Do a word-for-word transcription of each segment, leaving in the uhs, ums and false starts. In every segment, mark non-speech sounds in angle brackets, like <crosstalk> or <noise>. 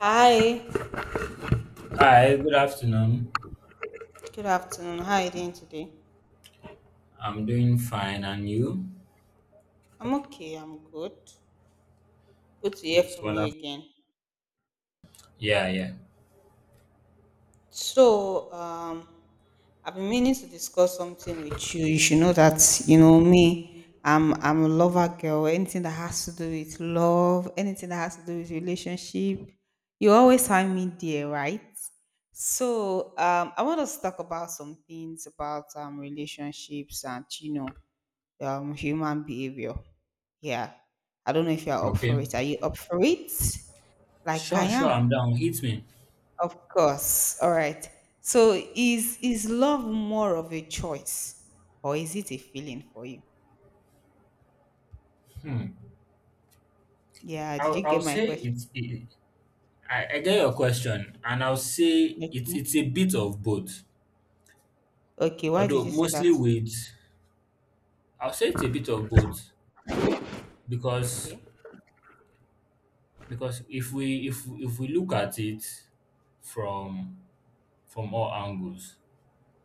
Hi, Hi, good afternoon. good afternoon. How are you doing today? I'm doing fine, and you? I'm okay, I'm good. Good to hear It's from you wonderful. again. Yeah, yeah. So, um, I've been meaning to discuss something with you. You should know that, you know, me, I'm I'm a lover girl. Anything that has to do with love, anything that has to do with relationship, you always find me there, right? So, um, I want us to talk about some things about um relationships and you know, um human behavior. Yeah. I don't know if you're up Okay. for it. Are you up for it? Like I Sure, sure. am. I'm down. Hit me. Of course. All right. So is is love more of a choice or is it a feeling for you? Hmm. Yeah, did I'll, you I'll get my say question? it's. It, I, I get your question, and I'll say it's Okay. it's a bit of both. Okay, why did Although you say mostly that? with, I'll say it's a bit of both because Okay. because if we if if we look at it from from all angles,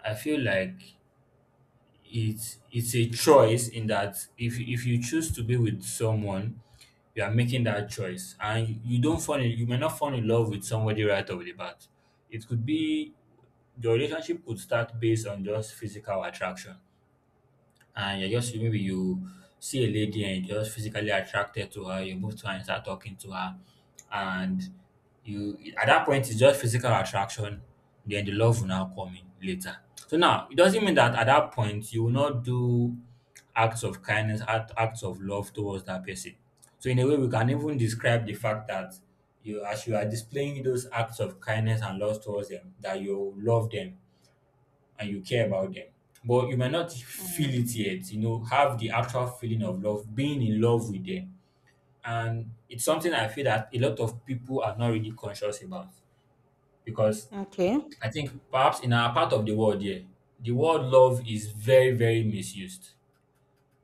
I feel like it's it's a choice in that if if you choose to be with someone, you are making that choice, and you don't fall in you may not fall in love with somebody right off the bat. It could be your relationship could start based on just physical attraction, and you're just maybe you see a lady and you're just physically attracted to her, you move to her and start talking to her, and you at that point it's just physical attraction. Then the love will now come in later. So now it doesn't mean that at that point you will not do acts of kindness, act, acts of love towards that person. So in a way, we can even describe the fact that you, as you are displaying those acts of kindness and love towards them, that you love them and you care about them. But you might not feel Mm, it yet, you know, have the actual feeling of love, being in love with them. And it's something I feel that a lot of people are not really conscious about because okay. I think perhaps in our part of the world, yeah, the word love is very, very misused.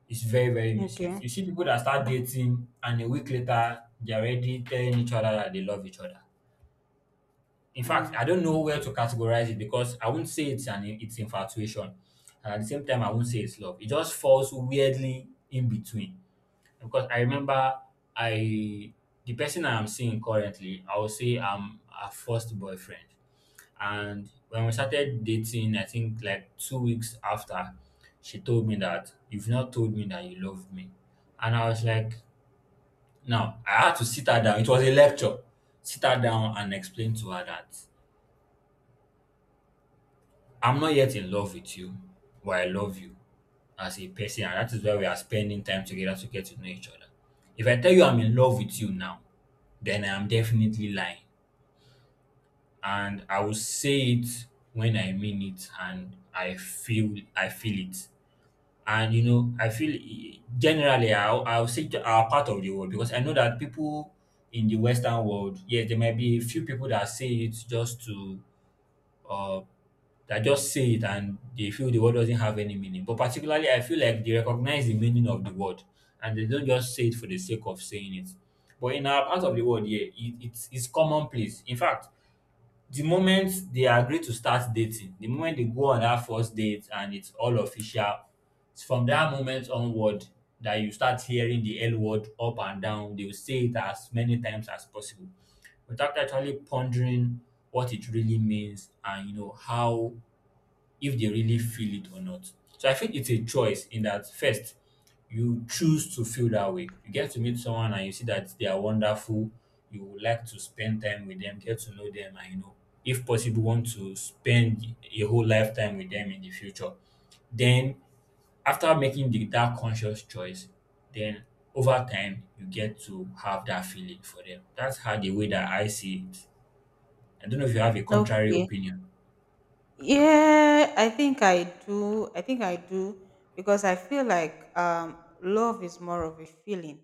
It's very, very misused. Okay. You see people that start dating and a week later, they're already telling each other that they love each other. In fact, I Mm. don't know where to categorize it because I won't say it's an it's infatuation. And at the same time, I won't say it's love. It just falls weirdly in between. Because I remember I the person I'm seeing currently, I would say I'm her first boyfriend. And when we started dating, I think like two weeks after, she told me that you've not told me that you love me. And I was like, no, I had to sit her down. It was a lecture. Sit her down and explain to her that I'm not yet in love with you, but I love you as a person, and that is why we are spending time together to get to know each other. If I tell you I'm in love with you now, then I am definitely lying. And I will say it when I mean it and I feel I feel it. And you know, I feel generally I'll, I'll say to our part of the world, because I know that people in the Western world, yes, there might be a few people that say it just to um that just say it and they feel the word doesn't have any meaning. But particularly, I feel like they recognize the meaning of the word and they don't just say it for the sake of saying it. But in our part of the world, yeah, it, it's, it's commonplace. In fact, the moment they agree to start dating, the moment they go on that first date and it's all official, it's from that moment onward that you start hearing the L word up and down. They will say it as many times as possible without actually pondering what it really means and you know how if they really feel it or not. So I think it's a choice in that first you choose to feel that way. You get to meet someone and you see that they are wonderful. You would like to spend time with them, get to know them, and you know, if possible, want to spend a whole lifetime with them in the future. Then, after making the, that conscious choice, then over time you get to have that feeling for them. That's how the way that I see it. I don't know if you have a contrary Okay. opinion. Yeah, I think I do. I think I do because I feel like um, love is more of a feeling,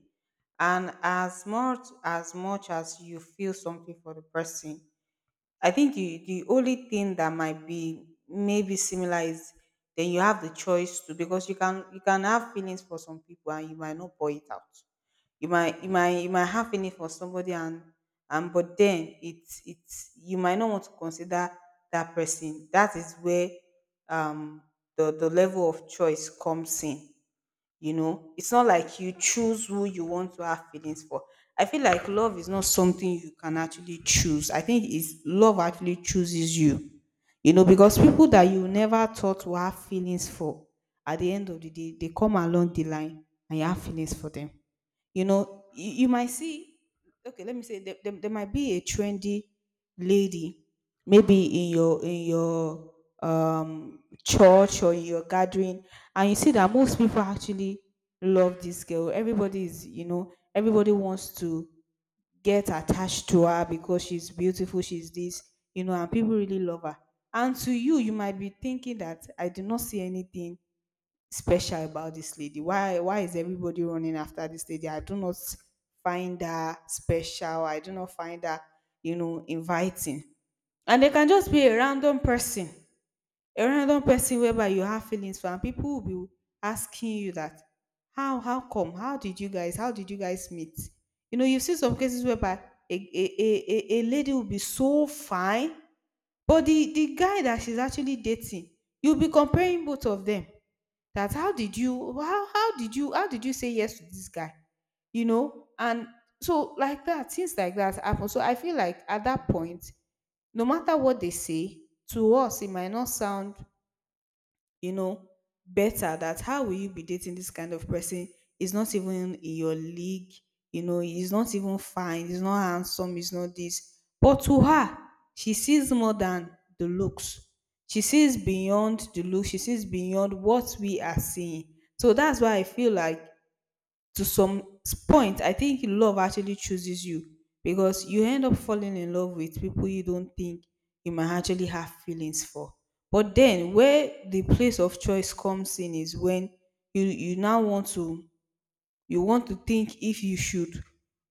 and as much as much as you feel something for the person, I think the, the only thing that might be maybe similar is then you have the choice to, because you can you can have feelings for some people and you might not pour it out. You might you might you might have feeling for somebody and and but then it's it's you might not want to consider that person. That is where um the, the level of choice comes in. You know, it's not like you choose who you want to have feelings for. I feel like love is not something you can actually choose. I think is love actually chooses you. You know, because people that you never thought to have feelings for, at the end of the day they come along the line and you have feelings for them. You know, you, you might see, okay, let me say, there, there, there might be a trendy lady, maybe in your, in your, um church or in your gathering, and you see that most people actually love this girl. Everybody is, you know, everybody wants to get attached to her because she's beautiful, she's this, you know, and people really love her. And to you, you might be thinking that I do not see anything special about this lady. Why why is everybody running after this lady? I do not find her special. I do not find her, you know, inviting. And they can just be a random person, a random person whereby you have feelings for, and people will be asking you that, how how come? How did you guys? How did you guys meet? You know, you see some cases whereby a a a, a a lady will be so fine, but the the guy that she's actually dating, you'll be comparing both of them, that how did you, how how did you, how did you say yes to this guy, you know, and so like that, things like that happen. So I feel like at that point, no matter what they say to us, it might not sound, you know, better. That how will you be dating this kind of person? Is not even in your league, you know, he's not even fine, he's not handsome, he's not this. But to her, she sees more than the looks. She sees beyond the look, she sees beyond what we are seeing. So that's why I feel like to some point, I think love actually chooses you because you end up falling in love with people you don't think you might actually have feelings for. But then, where the place of choice comes in is when you you now want to, you want to think if you should,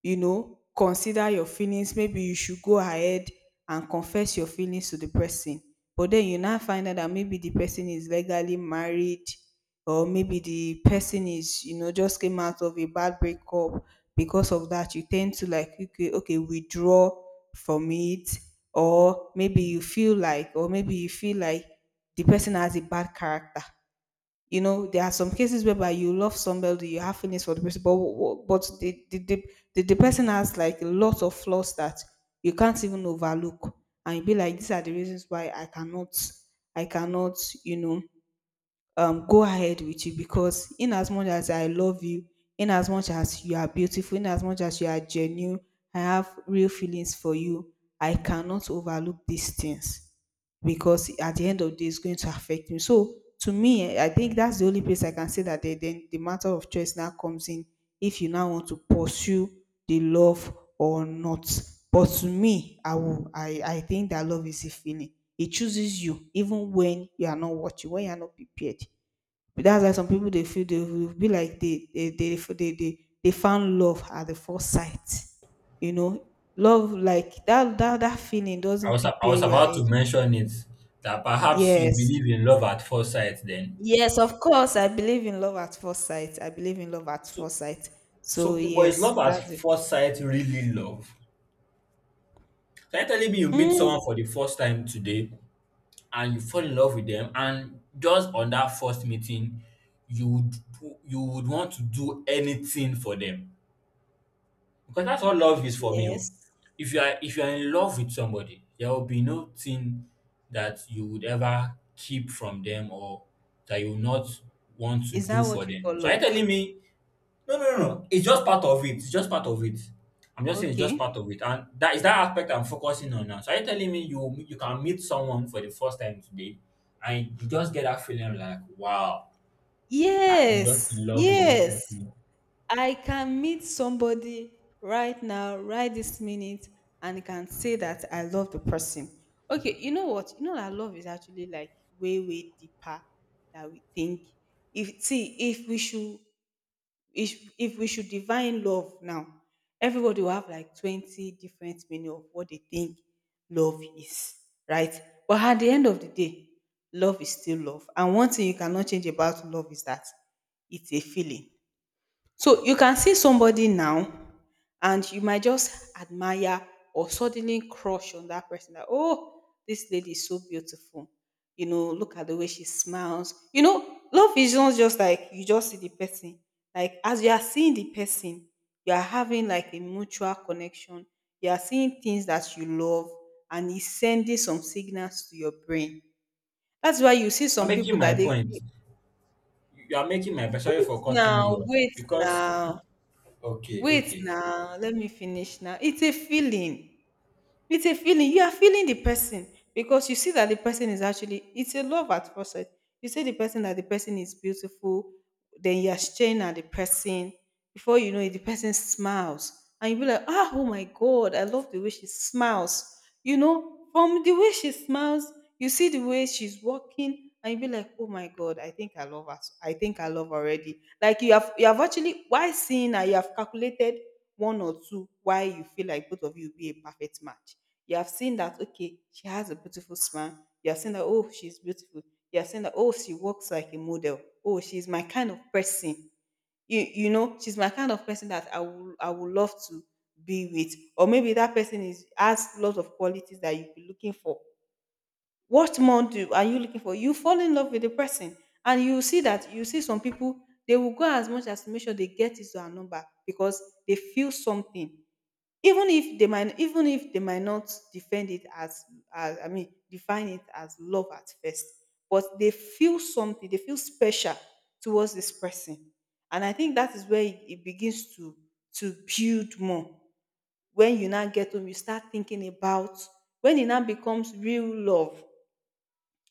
you know, consider your feelings. Maybe you should go ahead and confess your feelings to the person, but then you now find out that maybe the person is legally married, or maybe the person is, you know, just came out of a bad breakup. Because of that, you tend to, like, okay, okay, withdraw from it. Or maybe you feel like or maybe you feel like the person has a bad character. You know, there are some cases whereby you love somebody, you have feelings for the person, but wh- but the the, the, the, the person has like a lot of flaws that you can't even overlook, and you be like, these are the reasons why i cannot i cannot you know, um, go ahead with you. Because in as much as I love you, in as much as you are beautiful, in as much as you are genuine, I have real feelings for you, I cannot overlook these things because at the end of the day, it's going to affect me. So to me, eh, I think that's the only place I can say that the, the, the matter of choice now comes in, if you now want to pursue the love or not. But to me, I will I, I think that love is a feeling. It chooses you even when you are not watching, when you are not prepared. But that's why some people they feel, they will be like they they they they, they, they found love at the first sight. You know, love like that that that feeling I doesn't was, I prepare was your about to ahead. mention it that perhaps you Yes. believe in love at first sight then. Yes, of course. I believe in love at first sight. I believe in love at So, first sight. so So but is love yes, at that's it. first sight really love? Can you telling me you meet someone Mm. for the first time today and you fall in love with them and just on that first meeting you would you would want to do anything for them? Because that's what love is for me oh. Yes. If you are if you are in love with somebody, there will be no thing that you would ever keep from them or that you will not want to Is do that for what you them. call So are you love? telling me no no no no it's just part of it. It's just part of it. I'm just saying it's just part Okay. of it. And that is that aspect I'm focusing on now. So are you telling me you you can meet someone for the first time today and you just get that feeling like wow, I'm just Yes. in love with this Yes. person. I can meet somebody right now, right this minute, and can say that I love the person. Okay, you know what? You know that love is actually like way, way deeper than we think. If see, if we should if if we should define love now, everybody will have like twenty different meaning of what they think love is, right? But at the end of the day, love is still love. And one thing you cannot change about love is that it's a feeling. So you can see somebody now and you might just admire or suddenly crush on that person, that, oh, this lady is so beautiful. You know, look at the way she smiles. You know, love is not just like you just see the person. Like as you are seeing the person, you are having like a mutual connection. You are seeing things that you love and it's sending some signals to your brain. That's why you see I'm some making people my that they point. You are making my Sorry wait for cutting you now, off. wait Because, now okay, wait okay. now, let me finish now. It's a feeling. It's a feeling. You are feeling the person because you see that the person is actually, it's a love at first sight. You see the person, that the person is beautiful, then you are staring at the person. Before you know it, the person smiles. And you be like, ah, oh my God, I love the way she smiles. You know, from the way she smiles, you see the way she's walking, and you be like, oh my God, I think I love her. I think I love her already. Like you have you have actually, while seeing her, you have calculated one or two why you feel like both of you be a perfect match. You have seen that, okay, she has a beautiful smile. You have seen that, oh, she's beautiful. You have seen that, oh, she walks like a model. Oh, she's my kind of person. You, you know, she's my kind of person that I will I would love to be with. Or maybe that person is has lots of qualities that you'd be looking for. What more do are you looking for? You fall in love with the person and you see that you see some people, they will go as much as to make sure they get into her number because they feel something. Even if they might, even if they might not defend it as, as i mean define it as love at first, but they feel something, they feel special towards this person. And I think that is where it, it begins to to build more. When you now get home, you start thinking about, when it now becomes real love,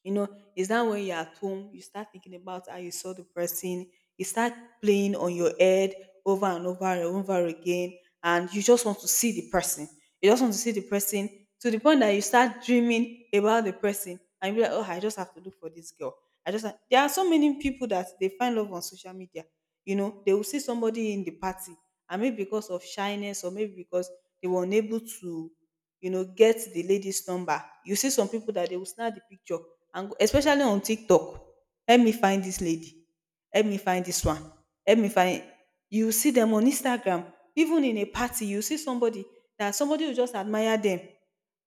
you know, is that when you're at home, you start thinking about how you saw the person, you start playing on your head over and over and over again, and you just want to see the person. You just want to see the person to the point that you start dreaming about the person and you be like, oh, I just have to look for this girl. I just have-" there are so many people that they find love on social media. You know, they will see somebody in the party, and maybe because of shyness or maybe because they were unable to, you know, get the lady's number. You see some people that they will snap the picture and go- especially on TikTok. Help me find this lady. Help me find this one. Help me find. You see them on Instagram, even in a party, you see somebody that somebody will just admire them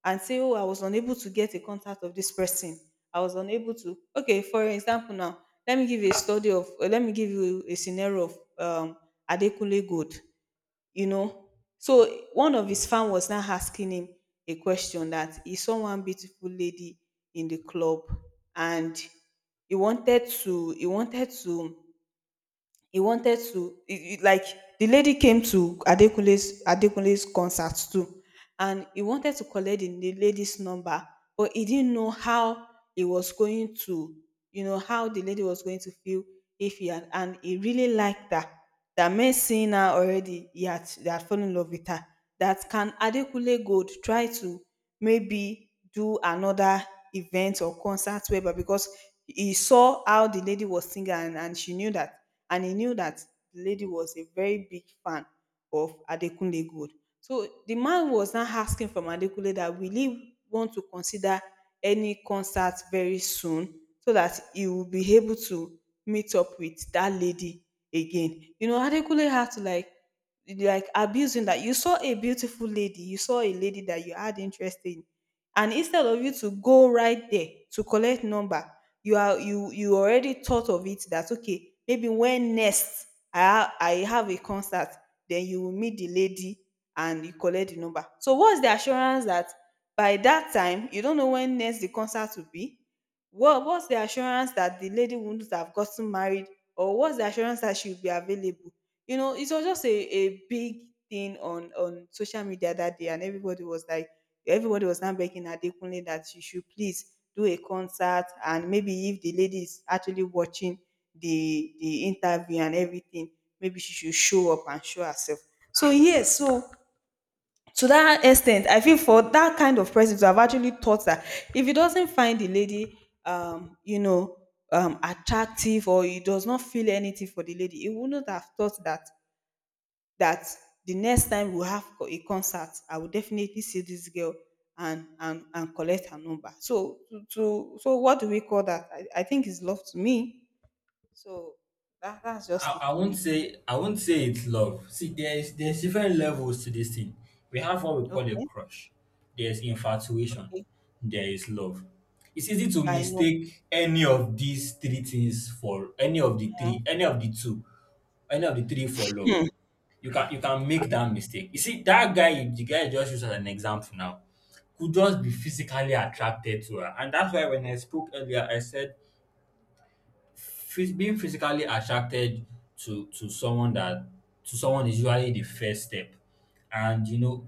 and say, "Oh, I was unable to get a contact of this person. I was unable to." Okay, for example, now, let me give you a study of, uh, let me give you a scenario of um, Adekunle Gold, you know. So one of his fans was now asking him a question, that he saw one beautiful lady in the club, and he wanted to he wanted to he wanted to he, he- like the lady came to adekunle's adekunle's concert too, and he wanted to collect the, the lady's number, but he didn't know how he was going to, you know, how the lady was going to feel if he had. And he really liked her, that meant seeing her already, he had, they had fallen in love with her. That can Adekunle Gold try to maybe do another event or concert, whereby, because he saw how the lady was singing, and, and she knew that, and he knew that the lady was a very big fan of Adekunle Gold. So the man was now asking from Adekunle that will he want to consider any concert very soon, so that he will be able to meet up with that lady again. You know, Adekunle had to like like abusing, that you saw a beautiful lady, you saw a lady that you had interest in, and instead of you to go right there to collect number, you are, you you already thought of it that okay, maybe when next i ha- I have a concert, then you will meet the lady and you collect the number. So what's the assurance that by that time? You don't know when next the concert will be. What what's the assurance that the lady wouldn't have gotten married? Or what's the assurance that she will be available? You know, it was just a a big thing on on social media that day, and everybody was like, everybody was now begging Adekunle that she should please do a concert, and maybe if the lady is actually watching the the interview and everything, maybe she should show up and show herself. So yes, so to that extent, I feel, for that kind of person to have actually thought that, if he doesn't find the lady, um you know, um attractive, or he does not feel anything for the lady, he wouldn't have thought that, that the next time we have co- a concert, I will definitely see this girl and and, and collect her number. So to, to so what do we call that? I, I think it's love, to me. So that, that's I, just it I for won't me. say I won't say it's love. See, there's there's different levels to this thing. We have what we call a Okay. crush. There's infatuation. Okay. There is love. It's easy to I know. mistake any of these three things for any of the Eh. three, any of the two, any of the three for love. Hmm. You can you can make that mistake. You see, that guy, the guy you just used as an example now, could just be physically attracted to her. And that's why when I spoke earlier, I said phys- being physically attracted to to someone that to someone is usually the first step, and you know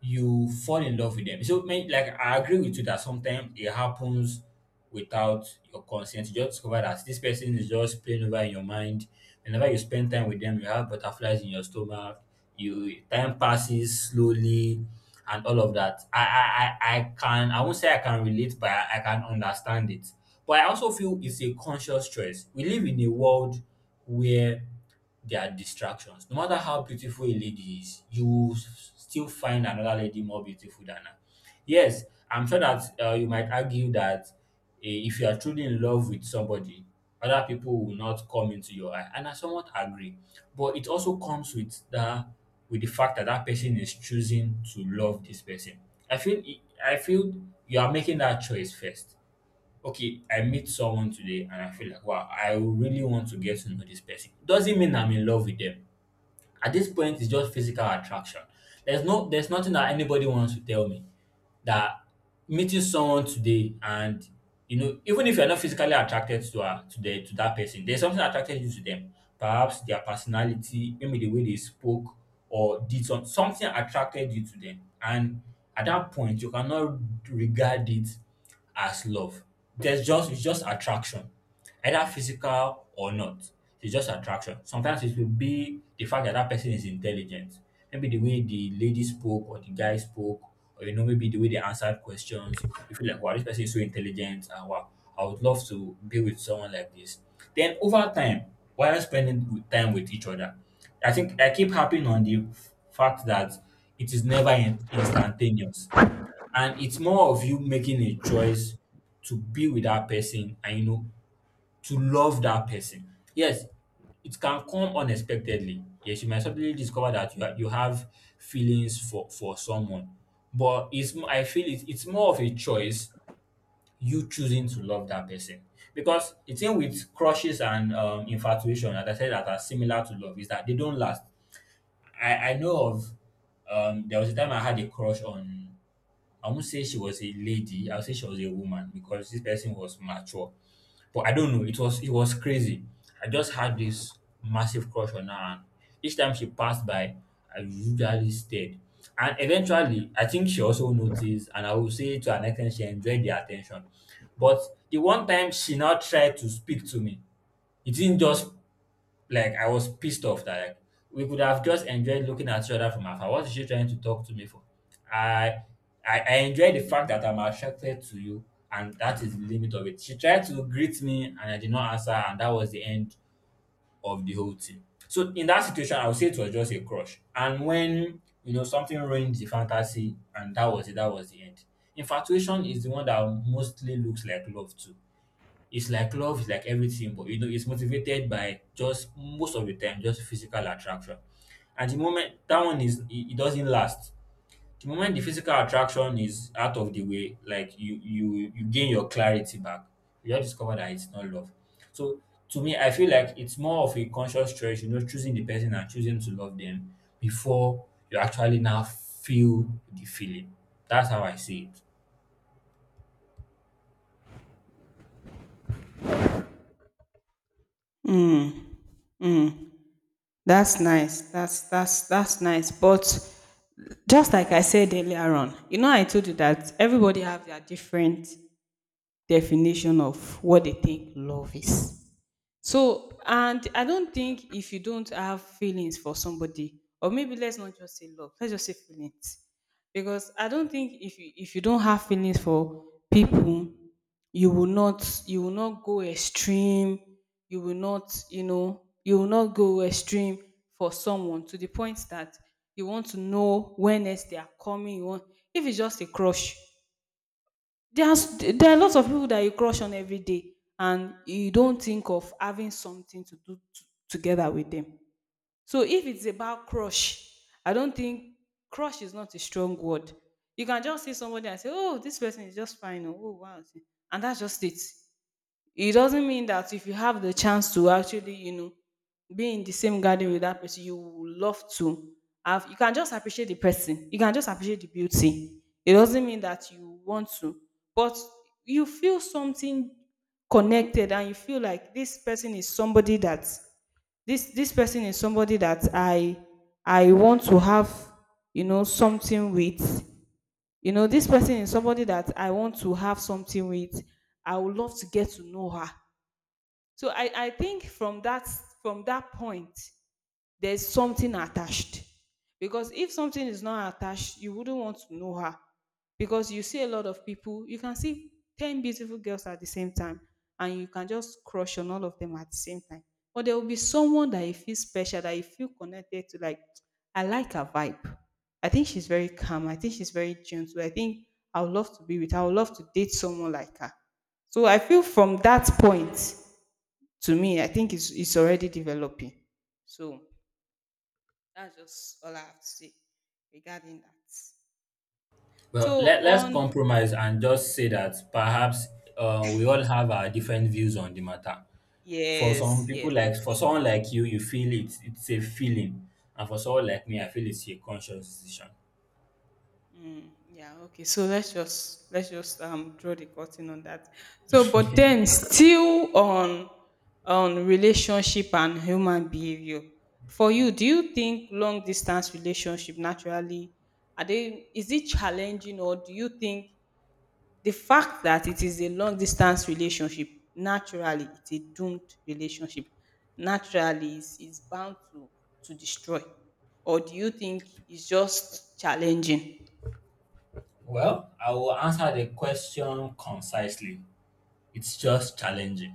you fall in love with them. So may, like, I agree with you that sometimes it happens without your consent. You just discover that this person is just playing over in your mind. Whenever you spend time with them, you have butterflies in your stomach, you time passes slowly, and all of that. I I I I can I won't say I can relate, but I, I can understand it. But I also feel it's a conscious choice. We live in a world where there are distractions. No matter how beautiful a lady is, you will s- still find another lady more beautiful than her. Yes, I'm sure that uh, you might argue that eh, if you are truly in love with somebody, other people will not come into your eye, and I somewhat agree. But it also comes with the with the fact that that person is choosing to love this person. I feel it- I feel you are making that choice first. Okay, I meet someone today, and I feel like wow, I really want to get to know this person. Doesn't mean I'm in love with them. At this point, it's just physical attraction. There's no, there's nothing that anybody wants to tell me that meeting someone today and you know, even if you're not physically attracted to her today to that person, there's something that attracted you to them. Perhaps their personality, maybe the way they spoke or did some, something attracted you to them. And at that point, you cannot regard it as love. There's just it's just attraction, either physical or not. It's just attraction. Sometimes it will be the fact that that person is intelligent. Maybe the way the lady spoke or the guy spoke, or you know, maybe the way they answered questions. You feel like, wow, this person is so intelligent, and wow, I would love to be with someone like this. Then over time, while spending with- time with each other, I think I keep harping on the f- fact that it is never in- instantaneous, and it's more of you making a choice to be with that person, and you know, to love that person. Yes, it can come unexpectedly. Yes, you might suddenly discover that you, ha- you have feelings for, for someone. But it's m- I feel it, it's more of a choice, you choosing to love that person. Because the thing with crushes and um, infatuation, as I said, that are similar to love, is that they don't last. I, I know of, um, there was a time I had a crush on I won't say she was a lady. I'll say she was a woman because this person was mature. But I don't know. It was it was crazy. I just had this massive crush on her, and each time she passed by, I usually stared. And eventually, I think she also noticed, and I will say to an extent, she enjoyed the attention. But the one time she now tried to speak to me, it didn't just like I was pissed off that, like, we could have just enjoyed looking at each other from afar. What is she trying to talk to me for? I I, I enjoy the fact that I'm attracted to you, and that is the limit of it. She tried to greet me, and I did not answer, and that was the end of the whole thing. So in that situation, I would say it was just a crush. And when you know something ruined the fantasy, and that was it. That was the end. Infatuation is the one that mostly looks like love too. It's like love is like everything, but you know, it's motivated by just most of the time, just physical attraction. And the moment that one is, it, it doesn't last. The moment the physical attraction is out of the way, like you, you, you gain your clarity back. You just discover that it's not love. So to me, I feel like it's more of a conscious choice, you know, choosing the person and choosing to love them before you actually now feel the feeling. That's how I see it. Mm, mm. That's nice. That's that's that's nice. But just like I said earlier on, you know, I told you that everybody have their different definition of what they think love is. So, and I don't think if you don't have feelings for somebody, or maybe let's not just say love, let's just say feelings, because I don't think if you, if you don't have feelings for people, you will not you will not go extreme. You will not, you know, you will not go extreme for someone to the point that you want to know when next they are coming. You want, if it's just a crush, there's there are lots of people that you crush on every day, and you don't think of having something to do t- together with them. So if it's about crush, I don't think, crush is not a strong word. You can just see somebody and say, "Oh, this person is just fine," or "Oh, wow," and that's just it. It doesn't mean that if you have the chance to actually, you know, be in the same garden with that person, you would love to have. You can just appreciate the person. You can just appreciate the beauty. It doesn't mean that you want to, but you feel something connected, and you feel like this person is somebody that, this this person is somebody that I I want to have, you know, something with. You know, this person is somebody that I want to have something with. I would love to get to know her. So I, I think from that, from that point, there's something attached. Because if something is not attached, you wouldn't want to know her. Because you see a lot of people, you can see ten beautiful girls at the same time, and you can just crush on all of them at the same time. But there will be someone that you feel special, that you feel connected to, like, I like her vibe. I think she's very calm. I think she's very gentle. I think I would love to be with her. I would love to date someone like her. So I feel from that point, to me, I think it's it's already developing. So that's just all I have to say regarding that. Well, So let, let's on, compromise and just say that perhaps uh, we all have our different views on the matter. For some yes, people, yes, like for yes. someone like you, you feel it; it's a feeling, and for someone like me, I feel it's a conscious decision. Mm, yeah, okay. So let's just let's just, um draw the curtain on that. So but then, still on on relationship and human behavior. For you, do you think long distance relationship naturally, are they, is it challenging? Or do you think, the fact that it is a long distance relationship, naturally, it's a doomed relationship. Naturally, it's, it's bound to, to destroy. Or do you think it's just challenging? Well, I will answer the question concisely. It's just Okay, challenging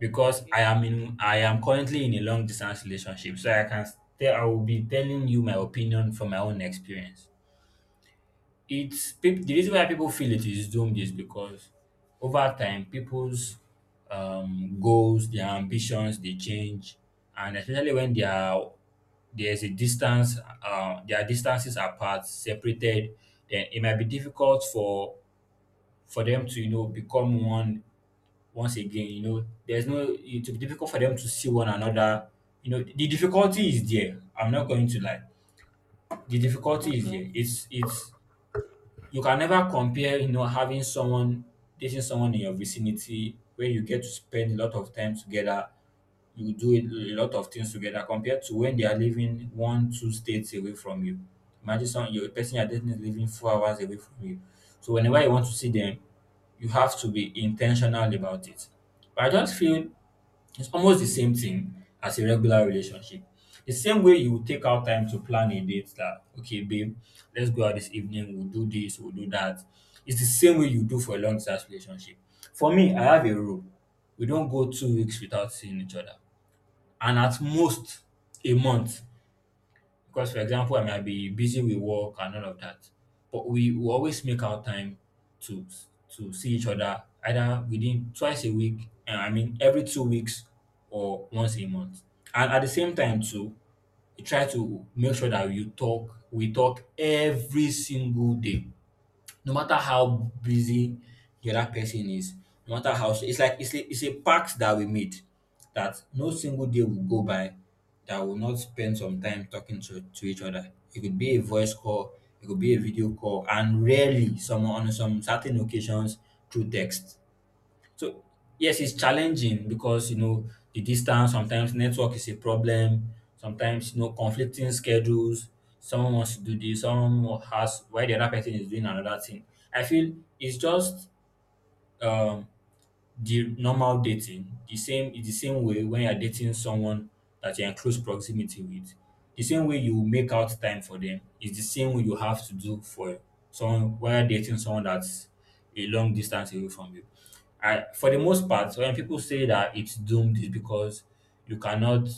because I okay, am in I am currently in a long distance relationship, so I can tell I will be telling you my opinion from my own experience. It's peop The reason why people feel it is doomed is because over time people's um, goals, their ambitions, they change, and especially when they are there's a distance, uh, their distances apart, separated, then it might be difficult for for them to, you know, become one once again. You know, there's no it will be difficult for them to see one another. You know, the difficulty is there. I'm not going to lie. The difficulty is okay. there. It's it's you can never compare, you know, having someone dating someone in your vicinity where you get to spend a lot of time together, you do a a lot of things together compared to when they are living one, two states away from you. Imagine some your person you're dating is living four hours away from you. So whenever you want to see them, you have to be intentional about it. But I just feel it's almost the same thing as a regular relationship. The same way you would take out time to plan a date that, okay, babe, let's go out this evening, we'll do this, we'll do that. It's the same way you do for a long distance relationship. For me, I have a rule. We don't go two weeks without seeing each other. And at most, a month. Because, for example, I might be busy with work and all of that, but we will always make our time to to see each other either within twice a week, uh, I mean every two weeks or once a month. And at the same time too, we try to make sure that we talk, we talk every single day no matter how busy the other person is, no matter how. So it's like it's a, it's a pact that we made that no single day will go by that will not spend some time talking to, to each other. It could be a voice call, it could be a video call, and rarely some on some certain occasions through text. So yes, it's challenging because, you know, the distance, sometimes network is a problem, sometimes, you know, conflicting schedules, someone wants to do this, someone has why the other person is doing another thing. I feel it's just um the normal dating, the same is the same way when you're dating someone that you're in close proximity with. The same way you make out time for them is the same way you have to do for someone while dating someone that's a long distance away from you. I, for the most part, when people say that it's doomed, is because you cannot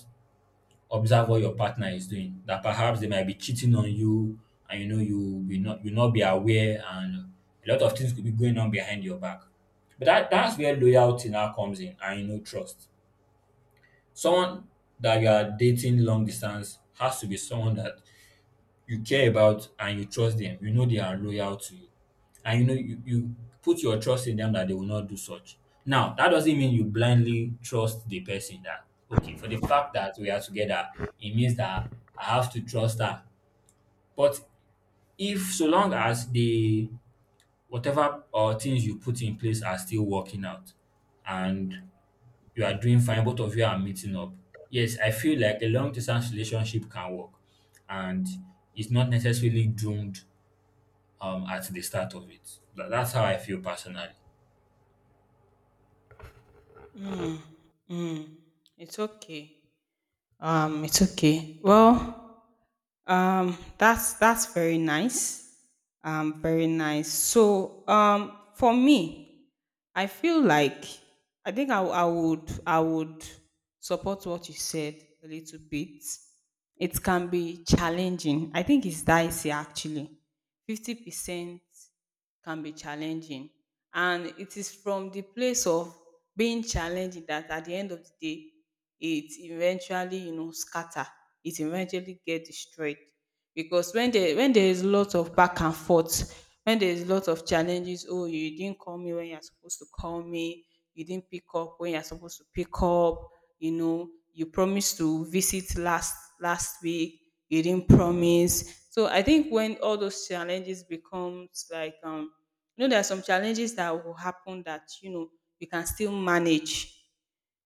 observe what your partner is doing, that perhaps they might be cheating on you and, you know, you will not you not be aware, and a lot of things could be going on behind your back, but that that's where loyalty now comes in, and, you know, trust. Someone that you are dating long distance has to be someone that you care about and you trust them. You know they are loyal to you. And you know you, you put your trust in them that they will not do such. Now, that doesn't mean you blindly trust the person that, okay, for the fact that we are together, it means that I have to trust her. But if so long as the whatever uh, things you put in place are still working out and you are doing fine, both of you are meeting up. Yes, I feel like a long distance relationship can work, and it's not necessarily doomed um, at the start of it. That, that's how I feel personally. Mm, it's okay. Um, it's okay. Well, um, that's that's very nice. Um, very nice. So, um, for me, I feel like, I think I, I would, I would support what you said a little bit. It can be challenging. I think it's dicey, actually. Fifty percent can be challenging. And it is from the place of being challenging, that at the end of the day, it eventually, you know, scatter. It eventually get destroyed. Because when there, when there is a lot of back and forth, when there is a lot of challenges, oh, you didn't call me when you're supposed to call me, you didn't pick up when you're supposed to pick up, you know, you promised to visit last last week, you didn't promise. So I think when all those challenges becomes like, um, you know, there are some challenges that will happen that, you know, you can still manage.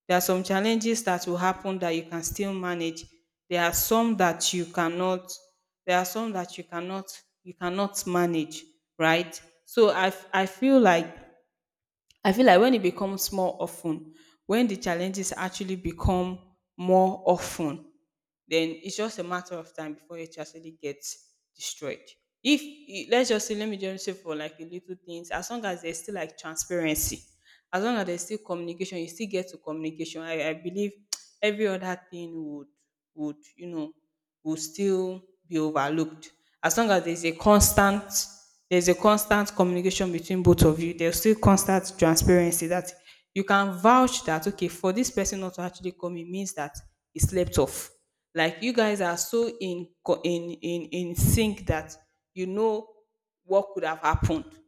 There are some challenges that will happen that you can still manage. There are some that you cannot, there are some that you cannot you cannot manage, right? So i f- I feel like, I feel like when it becomes more often, when the challenges actually become more often, then it's just a matter of time before it actually gets destroyed. If i- let's just say, let me just say, for like the little things, as long as there's still like transparency, as long as there's still communication, you still get to communication. I, I believe <tsk> every other thing would would you know, will still be overlooked, as long as there's a constant, there's a constant communication between both of you, there's still constant transparency, that you can vouch that okay, for this person not to actually come, it means that he slept off. Like you guys are so in co- in in in sync that, you know, what could have happened.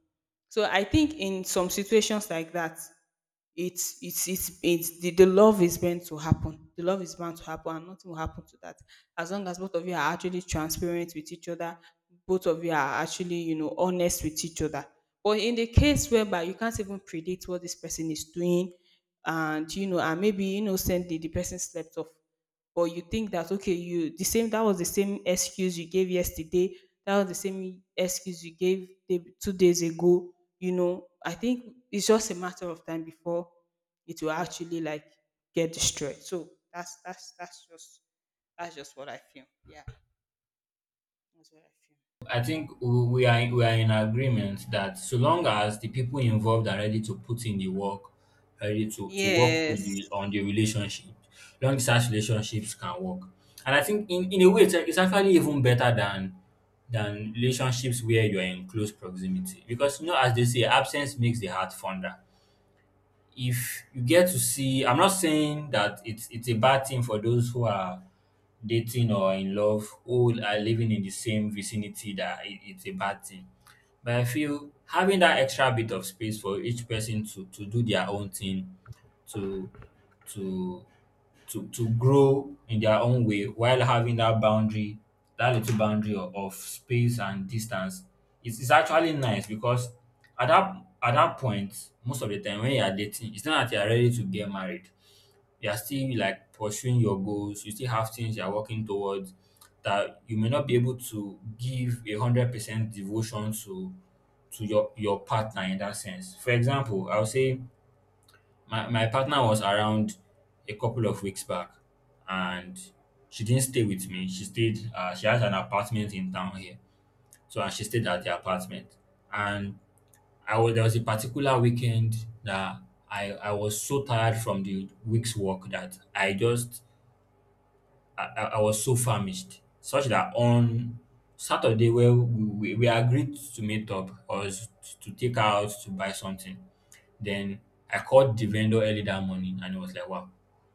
So I think in some situations like that, it's it's it's it's the, the love is meant to happen, the love is bound to happen, and nothing will happen to that, as long as both of you are actually transparent with each other, both of you are actually, you know, honest with each other. But in the case whereby you can't even predict what this person is doing, and you know, and maybe innocently the person slept off, but you think that okay, you the same, that was the same excuse you gave yesterday, that was the same excuse you gave day, two days ago, you know, I think it's just a matter of time before it will actually, like, get destroyed. So that's that's that's just that's just what I feel, yeah, that's what I feel. I think w- we are we are in agreement that, so long as the people involved are ready to put in the work, ready to to work with the Yes, on the relationship, long distance relationships can work. And I think, in, in a way, it's, it's actually even better than than relationships where you are in close proximity, because, you know, as they say, absence makes the heart fonder. If you get to see I'm not saying that it's it's a bad thing for those who are dating or in love who are living in the same vicinity, that it, it's a bad thing. But I feel having that extra bit of space for each person to to do their own thing to to to to grow in their own way while having that boundary, that little boundary of, of space and distance, it's, it's actually nice because at that at that point most of the time when you are dating it's not that you are ready to get married, you are still like pursuing your goals, you still have things you are working towards that you may not be able to give a hundred percent devotion to to your your partner in that sense. For example, I will say my, my partner was around a couple of weeks back, and she didn't stay with me, she stayed uh, she has an apartment in town here, so and she stayed at the apartment. And I was there was a particular weekend that i I was so tired from the week's work that I just i, I I was so famished, such that on Saturday where we, we, we agreed to meet up or to take her out to buy something. Then I called the vendor early that morning and it was like, wow,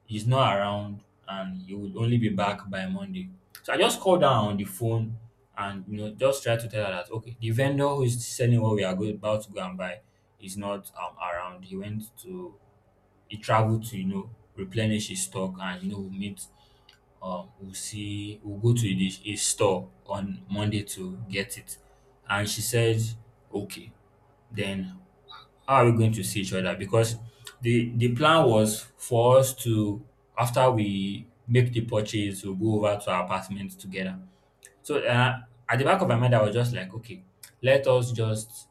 he's not around and he would only be back by Monday. So I just called her on the phone and, you know, just try to tell her that, okay, the vendor who is selling what we are go- about to go and buy is not um, around. He went to he traveled to, you know, replenish his stock, and, you know, we'll meet um we'll see we'll go to his, his store on Monday to get it. And she said, okay. Then how are we going to see each other? Because the the plan was for us to, after we make the purchase, we'll go over to our apartment together. So uh, at the back of my mind, I was just like, okay, let us just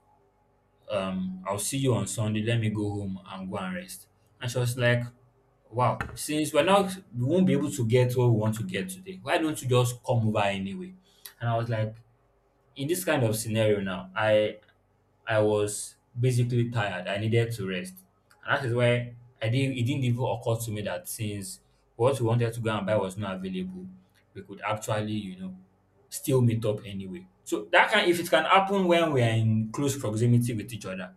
um, I'll see you on Sunday. Let me go home and go and rest. And she was like, wow, since we're not we won't be able to get what we want to get today, why don't you just come over anyway? And I was like, in this kind of scenario now, I I was basically tired. I needed to rest. And that is why I didn't it didn't even occur to me that, since what we wanted to go and buy was not available, we could actually, you know, still meet up anyway. So that can if it can happen when we are in close proximity with each other,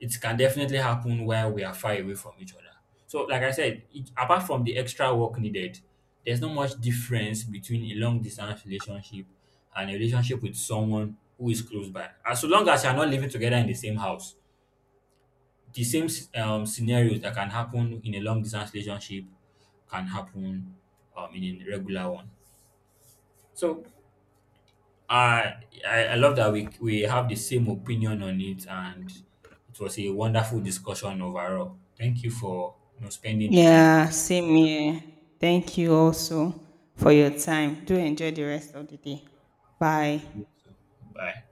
it can definitely happen while we are far away from each other. So, like I said, it, apart from the extra work needed, there's not much difference between a long distance relationship and a relationship with someone who is close by. As long as you're not living together in the same house, the same s- um, scenarios that can happen in a long distance relationship can happen um, in a regular one. So, I, I I love that we we have the same opinion on it, and it was a wonderful discussion overall. Thank you for, you know, spending the time with. yeah, same here. Thank you also for your time. Do enjoy the rest of the day. Bye. Bye.